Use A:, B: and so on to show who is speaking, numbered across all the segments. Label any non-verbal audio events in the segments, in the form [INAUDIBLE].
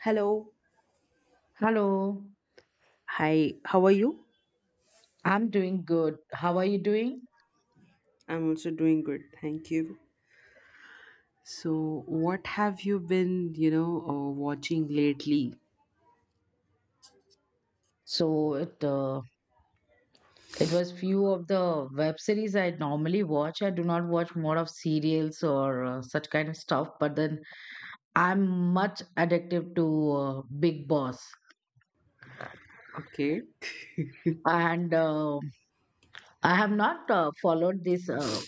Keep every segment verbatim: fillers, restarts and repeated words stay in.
A: Hello.
B: Hello,
A: Hi, how are you?
B: I'm doing good. How are you doing?
A: I'm also doing good. Thank you. So, what have you been, you know, uh, watching lately?
B: So it uh, it was few of the web series I normally watch. I do not watch more of serials or uh, such kind of stuff. But then I'm much addictive to uh, Big Boss,
A: Okay.
B: and uh, I have not uh, followed this uh,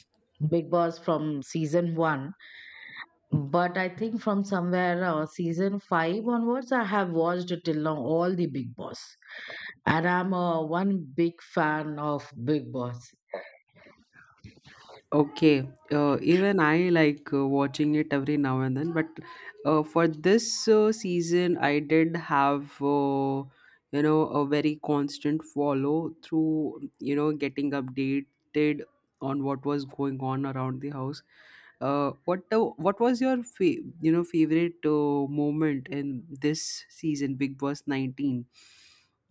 B: Big Boss from season one. But I think from somewhere uh, season five onwards, I have watched till now all the Big Boss. And I'm uh, one big fan of Big Boss.
A: Okay, uh, even I like uh, watching it every now and then, but uh, for this uh, season, I did have uh, you know a very constant follow through, you know, getting updated on what was going on around the house. Uh, what uh, what was your fa- you know favorite uh, moment in this season, Big Boss nineteen?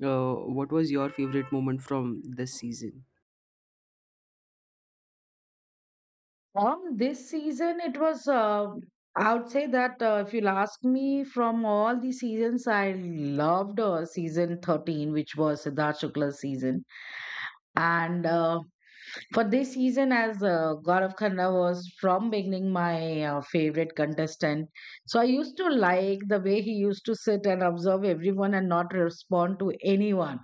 A: Uh, what was your favorite moment from this season?
B: From this season it was. Uh, I would say that uh, if you'll ask me, from all the seasons, I loved uh, season thirteen, which was Siddharth Shukla's season, and uh, For this season, as uh, Gaurav Khanna was from beginning my uh, favorite contestant, so I used to like the way he used to sit and observe everyone and not respond to anyone,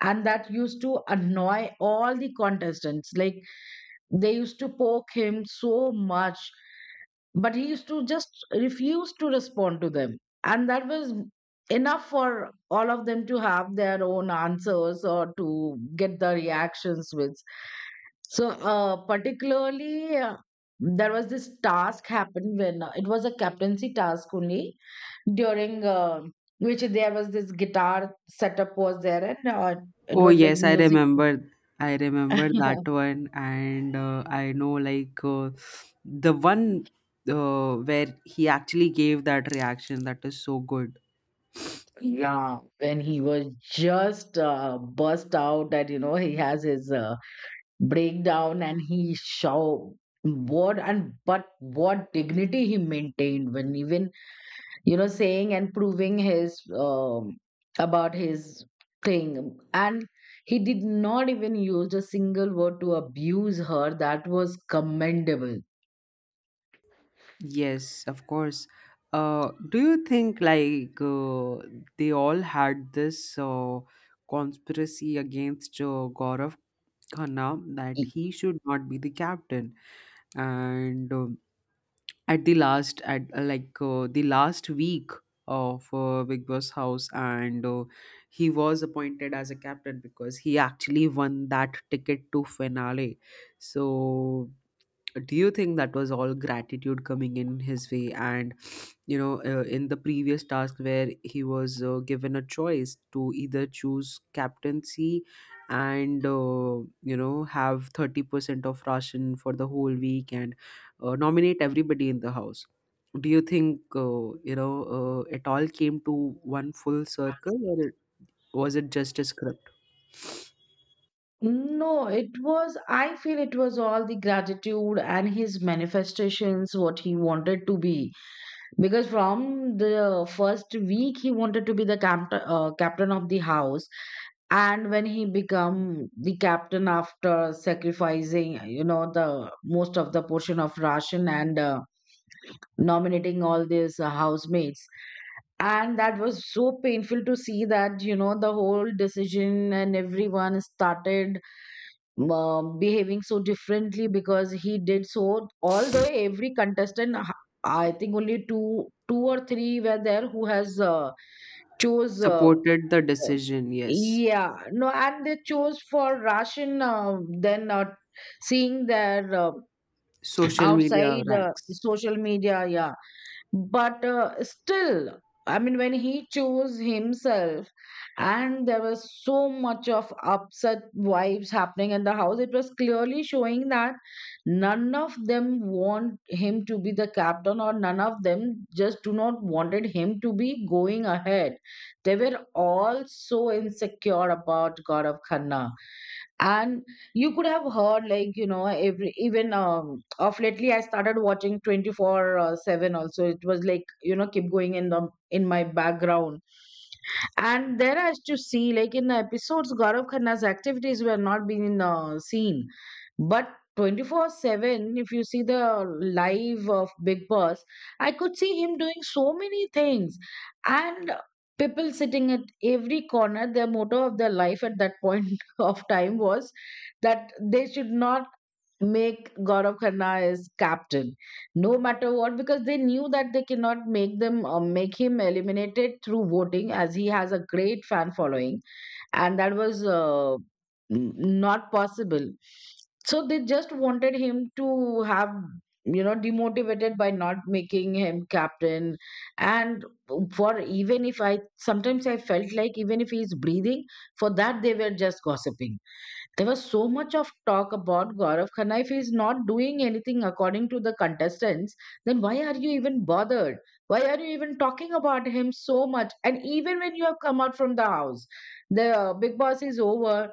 B: and that used to annoy all the contestants. Like they used to poke him so much, but he used to just refuse to respond to them, and that was enough for all of them to have their own answers or to get the reactions with. So, uh, particularly, uh, there was this task happened when uh, it was a captaincy task only during uh, which there was this guitar setup was there and uh, it
A: Oh
B: was like
A: yes, I
B: music.
A: remember. I remember that
B: [LAUGHS]
A: one, and uh, I know, like uh, the one, uh, where he actually gave that reaction. That is so good.
B: Yeah, when he was just uh, burst out that you know he has his uh, breakdown and he show what and but what dignity he maintained when even you know saying and proving his um, about his thing and he did not even use a single word to abuse her, that was commendable.
A: Yes, of course. Uh, do you think, like uh, they all had this uh, conspiracy against uh, Gaurav Khanna, that
B: E-
A: he should not be the captain? And uh, at the last at uh, like uh, the last week of uh, Big Boss house, and uh, he was appointed as a captain, because he actually won that ticket to finale. So, do you think that was all gratitude coming in his way? And you know uh, in the previous task where he was uh, given a choice to either choose captaincy and uh, you know have thirty percent of ration for the whole week, and uh, nominate everybody in the house, do you think uh, you know uh, it all came to one full circle, or it, was it just a script?
B: no, it was, I feel it was all the gratitude and his manifestations what he wanted to be. Because from the first week he wanted to be the captain, uh, captain of the house, and when he become the captain after sacrificing, you know, the most of the portion of ration and uh, nominating all these uh, housemates, and that was so painful to see that you know the whole decision and everyone started um, behaving so differently because he did so. Although every contestant, h- I think only two, two or three were there who has uh, chose. Uh,
A: Supported the
B: uh,
A: decision, yes.
B: yeah, no, and they chose for Russian. Uh, then uh, seeing their uh,
A: Social media
B: outside uh,
A: ranks.
B: social media, yeah, but uh, still I mean when he chose himself and there was so much of upset vibes happening in the house, it was clearly showing that none of them want him to be the captain or none of them just do not wanted him to be going ahead. They were all so insecure about god khanna, and you could have heard like you know every even um of lately I started watching 24 uh, 7 also, it was like you know keep going in the in my background. And there I used to see like in the episodes gaurav khanna's activities were not being uh, seen, but twenty four seven if you see the live of big boss, I could see him doing so many things. And people sitting at every corner, their motto of their life at that [LAUGHS] point [LAUGHS] of time was that they should not make Gaurav Khanna as captain, no matter what, because they knew that they cannot make them uh, make him eliminated through voting, as he has a great fan following, and that was uh, n- not possible. So they just wanted him to have you know demotivated by not making him captain. And for even if I sometimes I felt like even if he's breathing, for that they were just gossiping. There was so much of talk about Gaurav Khanna. If he's not doing anything according to the contestants, then why are you even bothered? Why are you even talking about him so much? And even when you have come out from the house, the uh, Big Boss is over,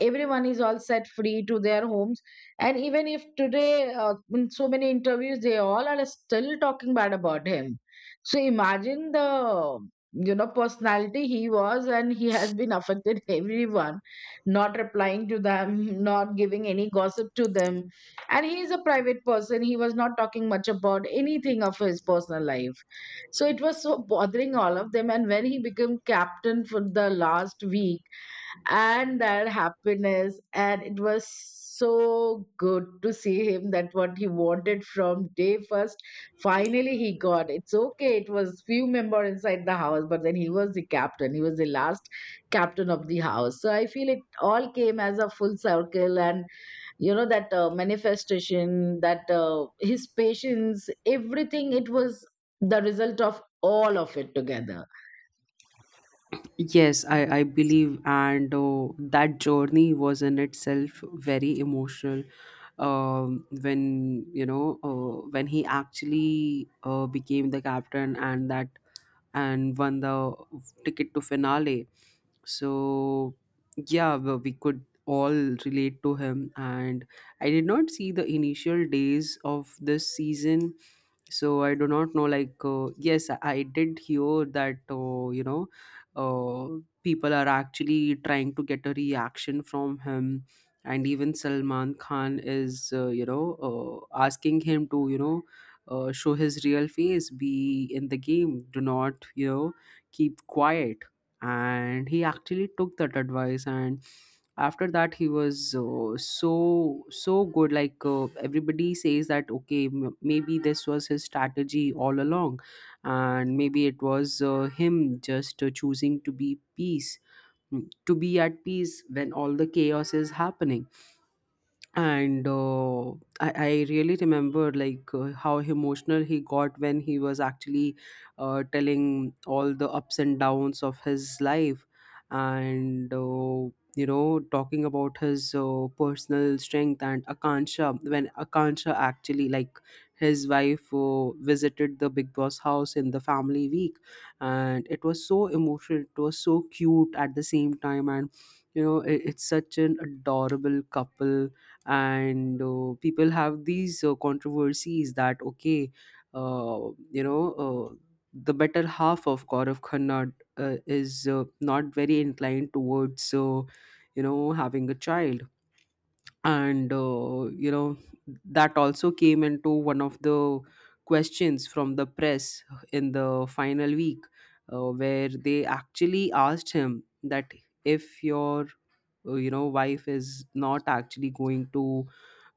B: everyone is all set free to their homes, and even if today uh, in so many interviews they all are still talking bad about him. So imagine the you know personality he was, and he has been affected [LAUGHS] everyone, not replying to them, [LAUGHS] not giving any gossip to them. And he is a private person, he was not talking much about anything of his personal life. So it was so bothering all of them. And when he became captain for the last week, and that happiness, and it was so good to see him that what he wanted from day first, finally he got It's okay, it was few member inside the house, but then he was the captain, he was the last captain of the house. So I feel it all came as a full circle, and you know that uh, manifestation, that uh, his patience, everything, it was the result of all of it together.
A: Yes, I, I believe, and uh, that journey was in itself very emotional. Um, when you know, uh, when he actually uh, became the captain, and that and won the ticket to finale. So yeah, we we could all relate to him, and I did not see the initial days of this season, so I do not know, like uh, yes, i I did hear that uh, you know uh, people are actually trying to get a reaction from him. And even Salman Khan is uh, you know uh, asking him to you know uh, show his real face, be in the game, do not you know keep quiet. And he actually took that advice, and after that he was uh, so so good. like uh, everybody says that okay, m- maybe this was his strategy all along, and maybe it was uh, him just uh, choosing to be peace, mm, to be at peace when all the chaos is happening. And uh, I, I really remember like uh, how emotional he got when he was actually uh, telling all the ups and downs of his life, and uh, you know talking about his uh, personal strength and Akansha. When Akansha actually, like his wife, uh, visited the Big Boss house in the family week, and it was so emotional, it was so cute at the same time. And you know it, it's such an adorable couple. And uh, people have these uh, controversies that okay, uh, you know uh, the better half of Gaurav Khanna uh, is uh, not very inclined towards uh, you know having a child. And uh, you know that also came into one of the questions from the press in the final week, uh, where they actually asked him that, if your uh, you know wife is not actually going to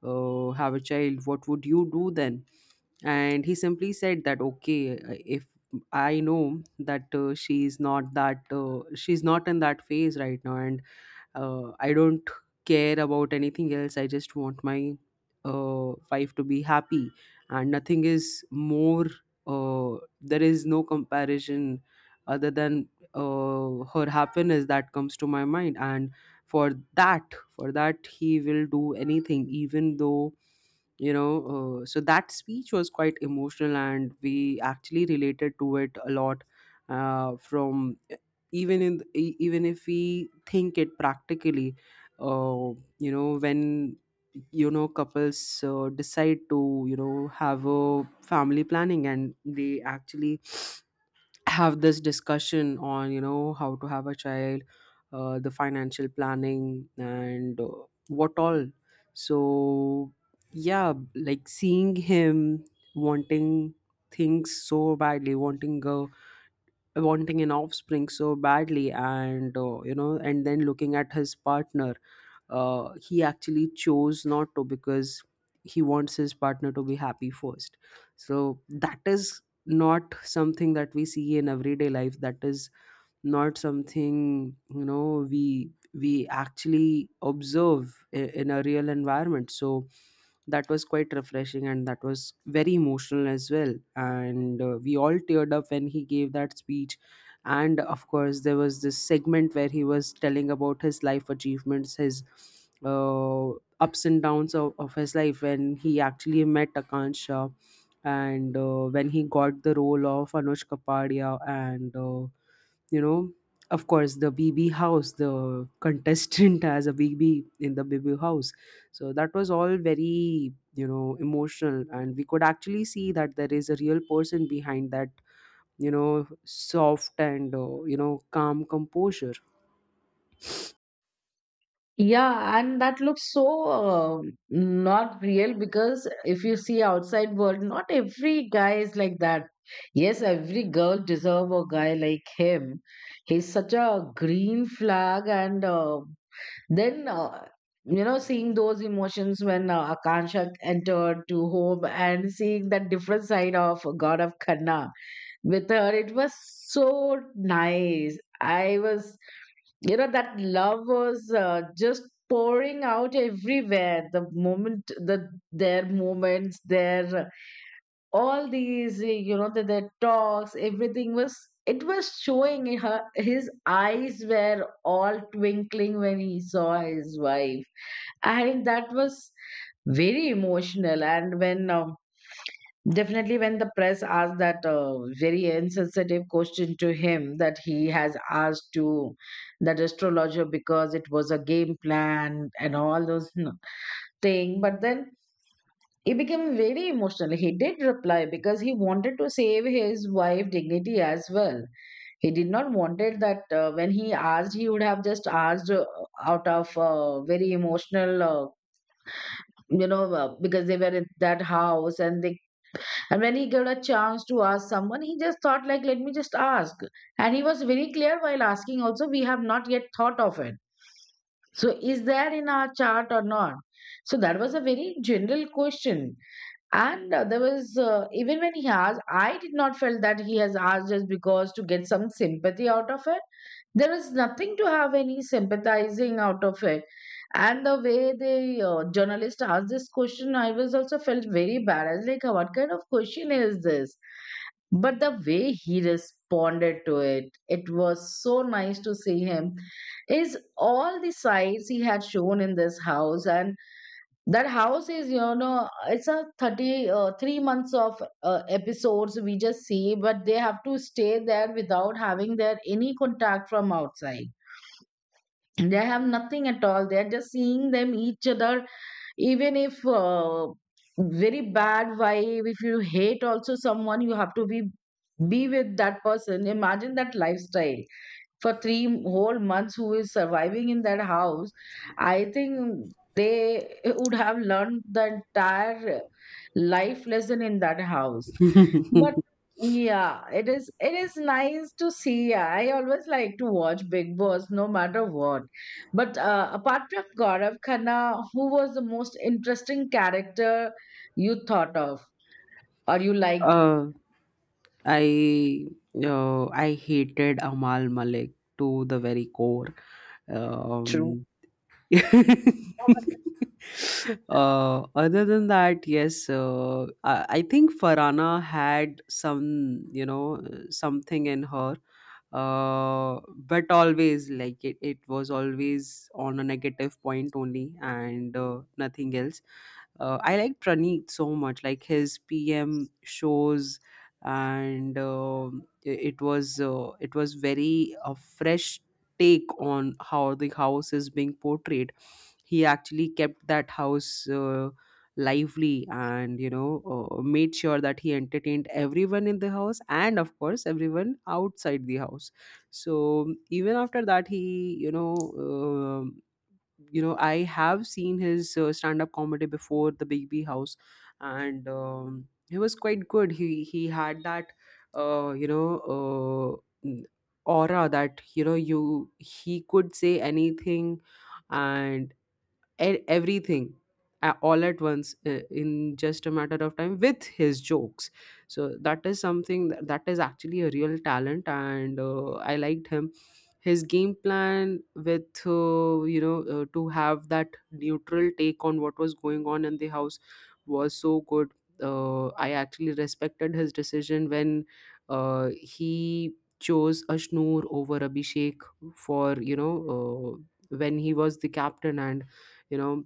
A: uh, have a child, what would you do then? And he simply said that okay, uh, if I know that, uh, she's not that uh, she's not in that phase right now, and uh, I don't care about anything else, I just want my uh, wife to be happy, and nothing is more, uh, there is no comparison other than uh, her happiness that comes to my mind. And for that, for that he will do anything, even though, you know uh, so that speech was quite emotional, and we actually related to it a lot. Uh, from even in e- even if we think it practically, uh, you know when you know couples uh, decide to you know have a family planning, and they actually have this discussion on you know how to have a child, uh, the financial planning, and uh, what all. So yeah, like seeing him wanting things so badly, wanting a wanting an offspring so badly, and uh, you know and then looking at his partner, uh, he actually chose not to, because he wants his partner to be happy first. So that is not something that we see in everyday life, that is not something, you know we we actually observe, i- in a real environment. So that was quite refreshing, and that was very emotional as well, and uh, we all teared up when he gave that speech. And of course, there was this segment where he was telling about his life achievements, his uh, ups and downs of, of his life, when he actually met Akan Shah, and uh, when he got the role of Anushka Padia, and uh, you know of course the BB house, the contestant [LAUGHS] as a BB in the BB house. So that was all very, you know emotional, and we could actually see that there is a real person behind that, you know soft and uh, you know calm composure.
B: Yeah, and that looks so uh, not real, because if you see outside world, not every guy is like that. Yes, every girl deserve a guy like him. He's such a green flag, and uh, then uh, you know, seeing those emotions when uh, Akansha entered to home and seeing that different side of God of Khanna with her, it was so nice. I was you know that love was uh, just pouring out everywhere. The moment, the their moments, their all these uh, you know the, their talks, everything was, it was showing in her, his eyes were all twinkling when he saw his wife, and that was very emotional. And when uh, definitely, when the press asked that uh, very insensitive question to him, that he has asked to that astrologer because it was a game plan and all those you know thing, but then he became very emotional. He did reply because he wanted to save his wife dignity as well. He did not wanted that uh, when he asked, he would have just asked uh, out of uh, very emotional. Uh, you know, uh, because they were in that house and they and when he got a chance to ask someone, he just thought like, let me just ask. And he was very clear while asking also, we have not yet thought of it. So is there in our chart or not? So that was a very general question. And uh, there was, uh, even when he asked, I did not felt that he has asked just because to get some sympathy out of it. There is nothing to have any sympathizing out of it. And the way the uh, journalist asked this question, I was also felt very bad. I was like, "Oh, what kind of question is this?" But the way he responded to it, it was so nice to see him, is all the sites he had shown in this house. And that house is you know it's a thirty uh, three months of uh, episodes we just see, but they have to stay there without having their any contact from outside. They have nothing at all, they're just seeing them each other. Even if uh, very bad vibe, if you hate also someone, you have to be be with that person. Imagine that lifestyle for three whole months. Who is surviving in that house? I think they would have learned the entire life lesson in that house. But
A: [LAUGHS]
B: yeah, it is, it is nice to see. I always like to watch big boss, no matter what. But uh, apart from gaurav khanna, who was the most interesting character you thought of or you liked?
A: uh i uh, i hated Amal Malik to the very core. um [LAUGHS] uh, other than that, yes, uh, I, I think Farana had some, you know, uh, something in her, uh, but always like, it, it was always on a negative point only, and uh, nothing else. Uh, I like Praneet so much, like his P M shows. And um, i- it was uh, it was very a fresh take on how the house is being portrayed. He actually kept that house uh, lively, and you know uh, made sure that he entertained everyone in the house, and of course everyone outside the house. So even after that, he you know um you know I have seen his uh, stand up comedy before the big B house. And um, he was quite good. He he had that uh, you know uh, n- aura, that you know you he could say anything, and e- everything a- all at once, uh, in just a matter of time with his jokes. So that is something, that, that is actually a real talent, and uh, I liked him. His game plan, with uh, you know uh, to have that neutral take on what was going on in the house, was so good. uh, I actually respected his decision when uh, he chose Ashnoor over Abhishek, for you know uh, when he was the captain, and you know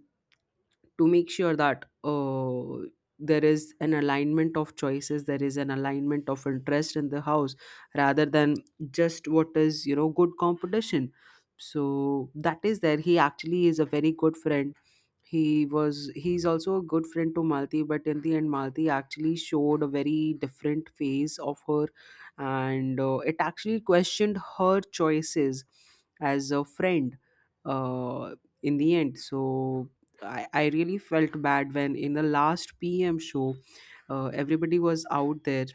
A: to make sure that uh, there is an alignment of choices, there is an alignment of interest in the house, rather than just what is you know good competition. So that is there. He actually is a very good friend. He was he's also a good friend to Malti, but in the end Malti actually showed a very different phase of her, and uh, it actually questioned her choices as a friend, uh, in the end. So I, I really felt bad when, in the last P M show, uh, everybody was out there,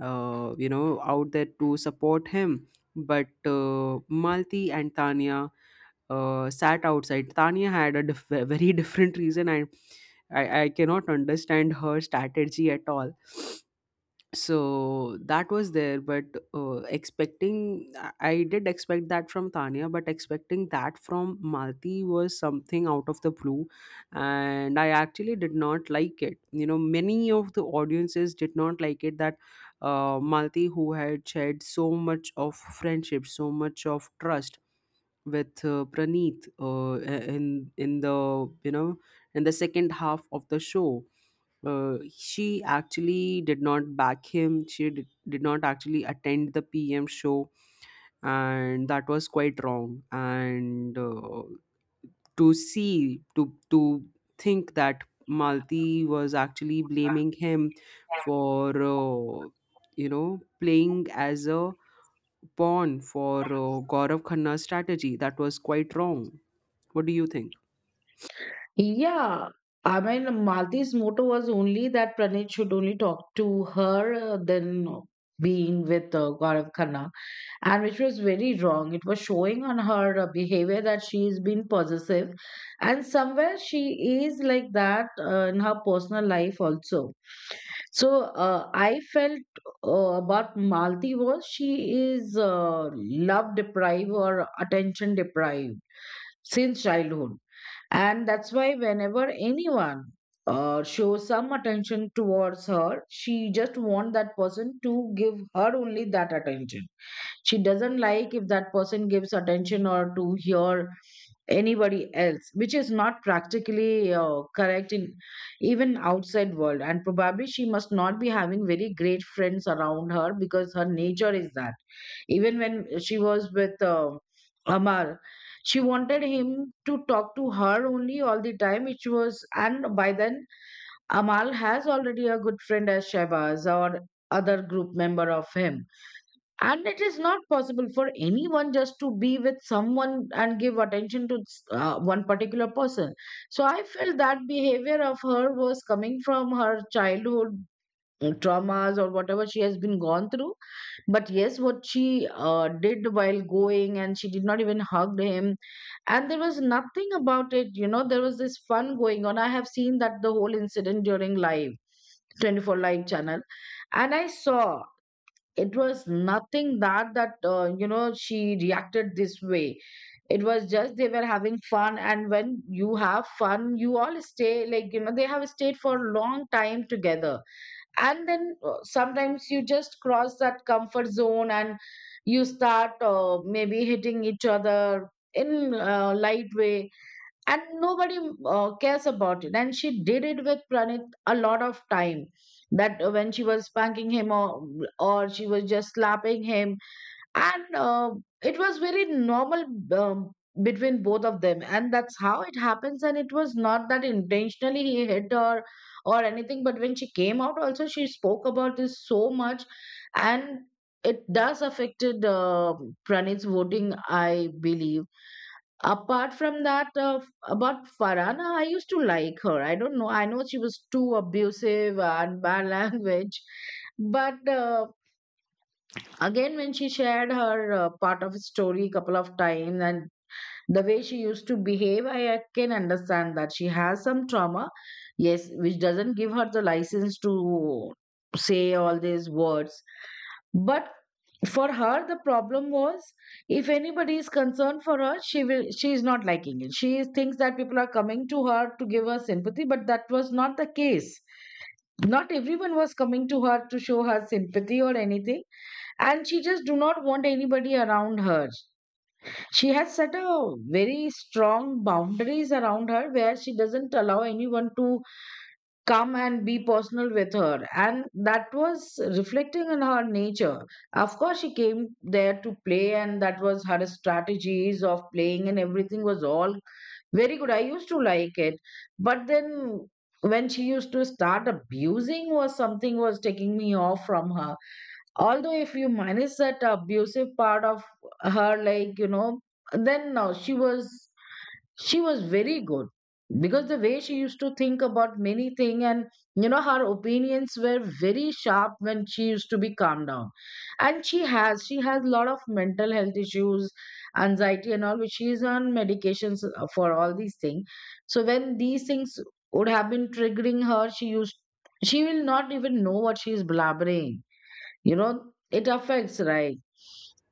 A: uh, you know, out there to support him. But uh, Malti and Tanya uh, sat outside. Tanya had a diff- very [LAUGHS] different reason, and I, I cannot understand her strategy at all. So that was there, but uh, expecting, i I did expect that from Tanya, but expecting that from Malti was something out of the blue, and I actually did not like it. you know many of the audiences did not like it, that uh, Malti, who had shared so much of friendship, so much of trust, with uh, Praneet, uh, in in the you know in the second half of the show, uh, she actually did not back him. She did, did not actually attend the P M show, and that was quite wrong. And uh, to see, to to think that Malti was actually blaming him for, uh, you know, playing as a pawn for uh, Gaurav Khanna's strategy, that was quite wrong. What do you think?
B: Yeah, I mean, Malti's motto was only that Pranit should only talk to her uh, than being with uh, Gaurav Khanna, and which was very wrong. It was showing on her uh, behavior that she is being possessive, and somewhere she is like that uh, in her personal life also. So uh, I felt uh, about Malti was she is uh, love deprived or attention deprived since childhood, and that's why whenever anyone uh, shows some attention towards her, she just want that person to give her only that attention. She doesn't like if that person gives attention or to hear anybody else, which is not practically uh, correct in even outside world. And probably she must not be having very great friends around her because her nature is that even when she was with uh, amar she wanted him to talk to her only all the time, which was. And by then Amal has already a good friend as Shebaz or other group member of him, and it is not possible for anyone just to be with someone and give attention to uh, one particular person. So I felt that behavior of her was coming from her childhood uh, traumas or whatever she has been gone through. But yes, what she uh, did while going, and she did not even hug him, and there was nothing about it you know There was this fun going on. I have seen that the whole incident during live, twenty four live channel, and I saw it was nothing that that uh, you know she reacted this way. It was just they were having fun, and when you have fun you all stay like, you know, they have stayed for a long time together. And then uh, sometimes you just cross that comfort zone and you start uh, maybe hitting each other in a light way, and nobody uh, cares about it. And she did it with Pranit a lot of time, that uh, when she was spanking him, or, or she was just slapping him. And uh, it was very normal um, between both of them, and that's how it happens. And it was not that intentionally he hit her or anything, but when she came out also she spoke about this so much. And it does affected uh, Pranit's voting, I believe. Apart from that, uh, f- about Farhana, I used to like her. I don't know. I know she was too abusive and [LAUGHS] bad language. But uh, again, when she shared her uh, part of story couple of times, and the way she used to behave, I, I can understand that she has some trauma, yes, which doesn't give her the license to say all these words. But for her, the problem was if anybody is concerned for her, she will she is not liking it. She is- thinks that people are coming to her to give her sympathy, but that was not the case. Not everyone was coming to her to show her sympathy or anything, and she just do not want anybody around her. She has set a very strong boundaries around her where she doesn't allow anyone to come and be personal with her. And that was reflecting in her nature. Of course, she came there to play, and that was her strategies of playing, and everything was all very good. I used to like it. But then when she used to start abusing was something was taking me off from her. Although if you minus that abusive part of her, like, you know, then no, she was, she was very good, because the way she used to think about many things, and you know, her opinions were very sharp when she used to be calmed down. And she has she has a lot of mental health issues, anxiety and all, which she is on medications uh, for all these things. So when these things would have been triggering her, she used she will not even know what she is blabbering, you know. It affects, right?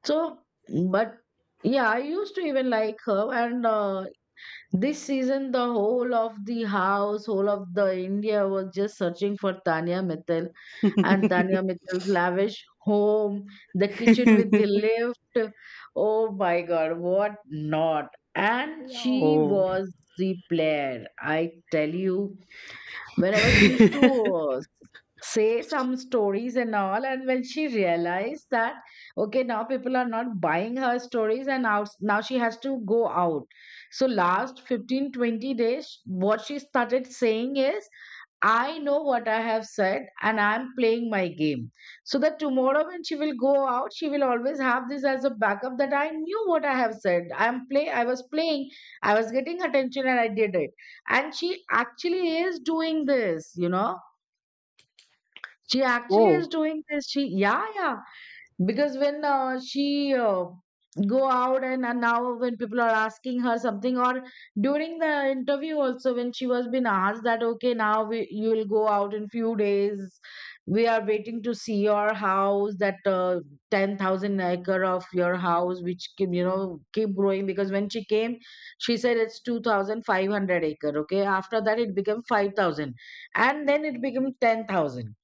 B: So but yeah, I used to even like her. And uh, this season, the whole of the house, whole of the India was just searching for Tanya Mittal and Tanya Mittal's lavish home, the kitchen with the
A: [LAUGHS]
B: lift. Oh my God, what not! And she
A: Oh.
B: was the player, I tell you, whenever she used to uh, s- say some stories and all. And when she realized that okay, now people are not buying her stories and now, now she has to go out, so last fifteen twenty days what she started saying is, I know what I have said and I'm playing my game. So that tomorrow when she will go out, she will always have this as a backup that I knew what I have said. I'm play I was playing, I was getting attention and I did it. And she actually is doing this, you know, she
A: [LAUGHS]
B: actually is
A: Oh.
B: doing this, she, yeah, yeah. Because when uh, she uh, go out, and, and now when people are asking her something, or during the interview also, when she was been asked that okay, now we, you will go out in few days, we are waiting to see your house that uh, ten thousand acre of your house, which keep, you know, keep growing. Because when she came she said it's two thousand five hundred acre. Okay, after that it became five thousand, and then it became ten thousand.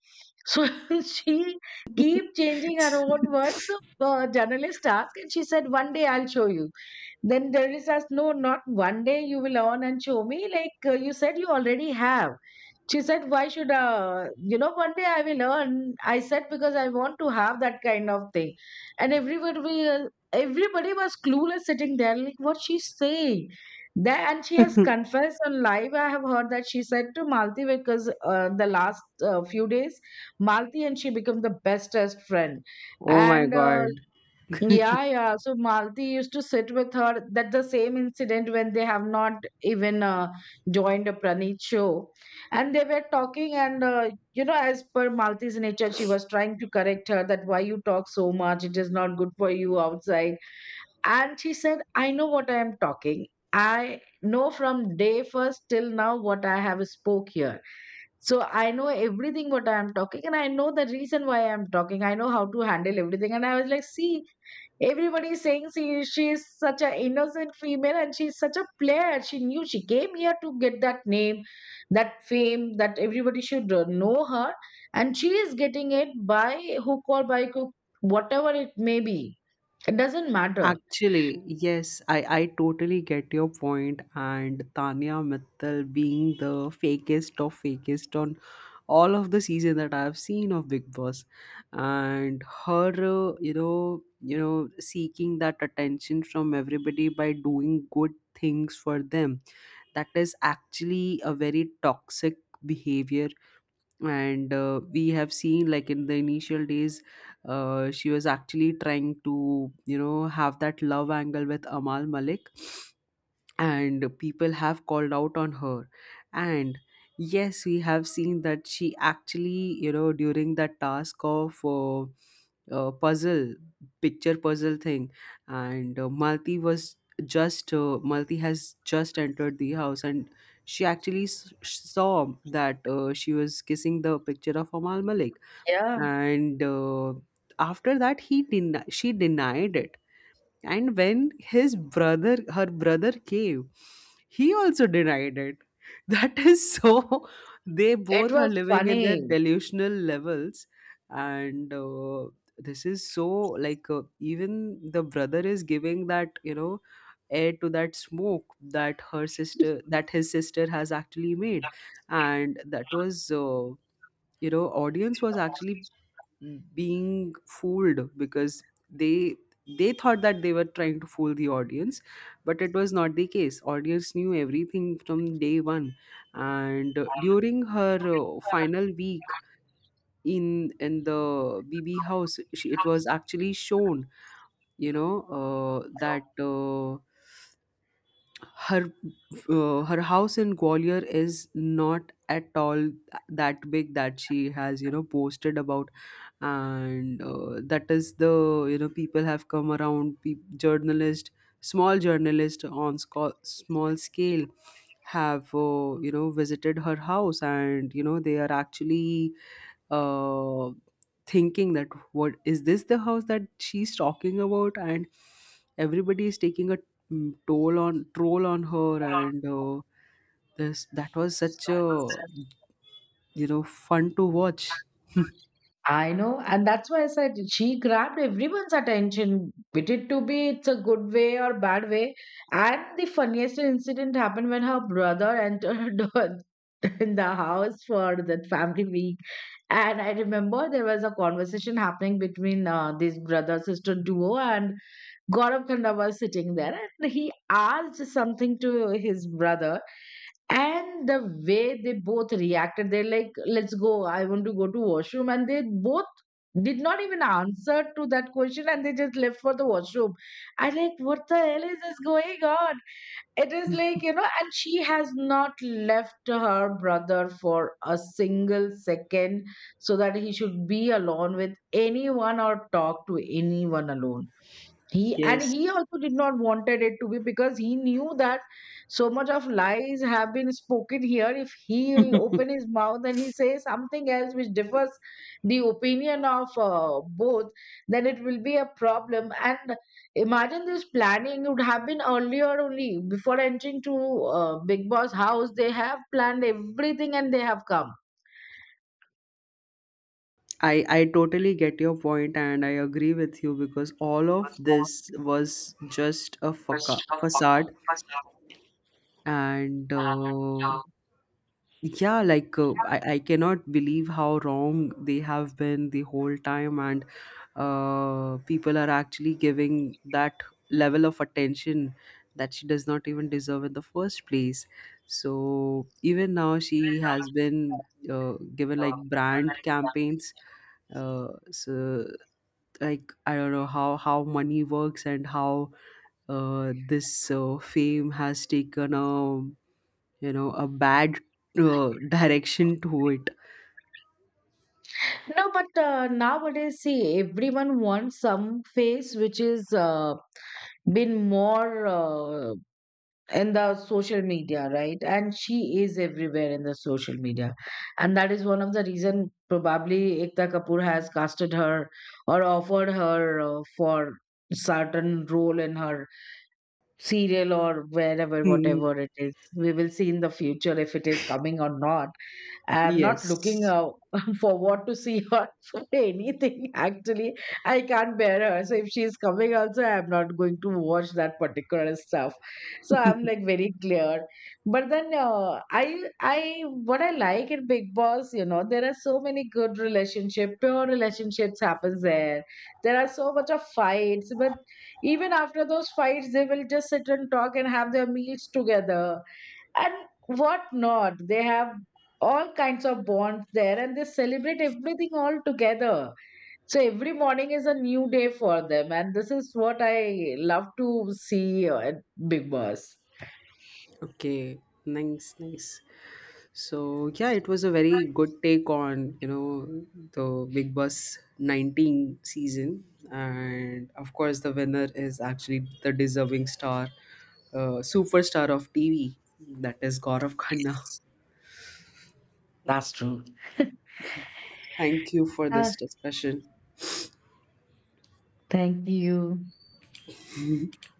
B: So [LAUGHS] she keep changing her own words. So the journalist asked, and she said, "One day I'll show you." Then journalist asked, "No, not one day. You will learn and show me. Like uh, you said, you already have." She said, Why should, uh, you know, one day I will earn. I said, Because I want to have that kind of thing. And everybody, will- everybody was clueless sitting there, like, what she's saying. That, and she has
A: [LAUGHS]
B: confessed on live. I have heard that she said to Malti, because uh, the last uh, few days Malti and she become the bestest friend.
A: Oh my
B: And uh,
A: God.
B: yeah, yeah. So Malti used to sit with her. That the same incident, when they have not even uh, joined a Pranit show, and they were talking. And uh, you know, as per Malti's nature, she was trying to correct her that why you talk so much. It is not good for you outside. And she said, "I know what I am talking. I know from day first till now what I have spoke here." So I know everything what I am talking, and I know the reason why I am talking. I know how to handle everything. And I was like, see, everybody is saying she, she is such an innocent female and she is such a player. She knew she came here to get that name, that fame, that everybody should uh, know her. And she is getting it by hook or by crook, whatever it may be. It doesn't matter.
A: Actually, yes, I, I totally get your point point. and Tanya Mittal being the fakest of fakest on all of the season that I've seen of Big Boss, and her uh, you know you know seeking that attention from everybody by doing good things for them, that is actually a very toxic behavior. And uh, we have seen, like in the initial days, uh, she was actually trying to you know have that love angle with Amal Malik, and people have called out on her. And yes, we have seen that she actually, you know during that task of uh, uh, puzzle picture puzzle thing, and uh, Malti was just uh, Malti has just entered the house, and she actually s- saw that uh, she was kissing the picture of Amal Malik.
B: Yeah,
A: And uh, after that, he den- she denied it, and when his brother her brother came, he also denied it. [LAUGHS] That is so. They
B: it
A: both are
B: was
A: living in their
B: funny.
A: delusional levels, and uh, this is so, like uh, even the brother is giving that, you know air to that smoke that, her sister that his sister has actually made. And that was uh, you know audience was actually being fooled, because they they thought that they were trying to fool the audience. But it was not the case, audience knew everything from day one. And uh, during her uh, final week, in in the bb house she, it was actually shown, you know uh, that uh, her uh, her house in Gwalior is not at all that big that she has you know posted about. And uh, that is the, you know people have come around, pe- journalist, small journalist on sco- small scale, have uh, you know visited her house, and you know they are actually uh, thinking that, what is this, the house that she's talking about? And everybody is taking a mm, toll on troll on her, and uh, this that was such a you know fun to watch. [LAUGHS]
B: I know, and that's why I said she grabbed everyone's attention. It it to be It's a good way or bad way. And the funniest incident happened when her brother entered [LAUGHS] in the house for that family week. And I remember there was a conversation happening between uh, this brother sister duo, and Gaurav Khanda was sitting there, and he asked something to his brother. And the way they both reacted, they're like, let's go, I want to go to washroom. And they both did not even answer to that question, and they just left for the washroom. I like, what the hell is this going on? It is like, you know, and she has not left her brother for a single second, so that he should be alone with anyone or talk to anyone alone. He and
A: Yes.
B: he also did not wanted it to be, because he knew that so much of lies have been spoken here. If he'll open his mouth and he says something else which differs the opinion of uh, both, then it will be a problem. And imagine this planning would have been earlier only, before entering to uh, Big Boss house they have planned everything and they have come.
A: I, I totally get your point and I agree with you, because all of this was just a faca- facade. And uh, yeah, like uh, I, I cannot believe how wrong they have been the whole time. And uh, people are actually giving that level of attention that she does not even deserve in the first place. So even now, she has been uh, given like brand campaigns, uh, so like I don't know how how money works, and how uh, this uh, fame has taken a you know a bad uh, direction to it.
B: No, but uh, nowadays see, everyone wants some face which is uh, been more uh, in the social media, right? And she is everywhere in the social media, and that is one of the reason probably Ekta Kapoor has casted her or offered her uh, for certain role in her serial, or wherever,
A: Hmm,
B: whatever it is. We will see in the future if it is coming or not. I'm not looking
A: yes.
B: uh, [LAUGHS] for what to see or [LAUGHS] for anything. Actually, I can't bear her. So if she's coming, also I'm not going to watch that particular stuff. So I'm
A: [LAUGHS]
B: like very clear. But then uh, I, I, what I like in Big Boss, you know, there are so many good relationship, pure relationships happens there. There are so much of fights, but even after those fights they will just sit and talk and have their meals together. And what not, they have all kinds of bonds there, and they celebrate everything all together. So every morning is a new day for them, and this is what I love to see uh, at Big Boss.
A: Okay, nice, nice. So yeah, it was a very good take on you know the Big Boss nineteen season, and of course the winner is actually the deserving star, uh, superstar of TV, that is Gaurav Khanna.
B: That's true.
A: Thank you for
B: Ah,
A: this discussion.
B: thank you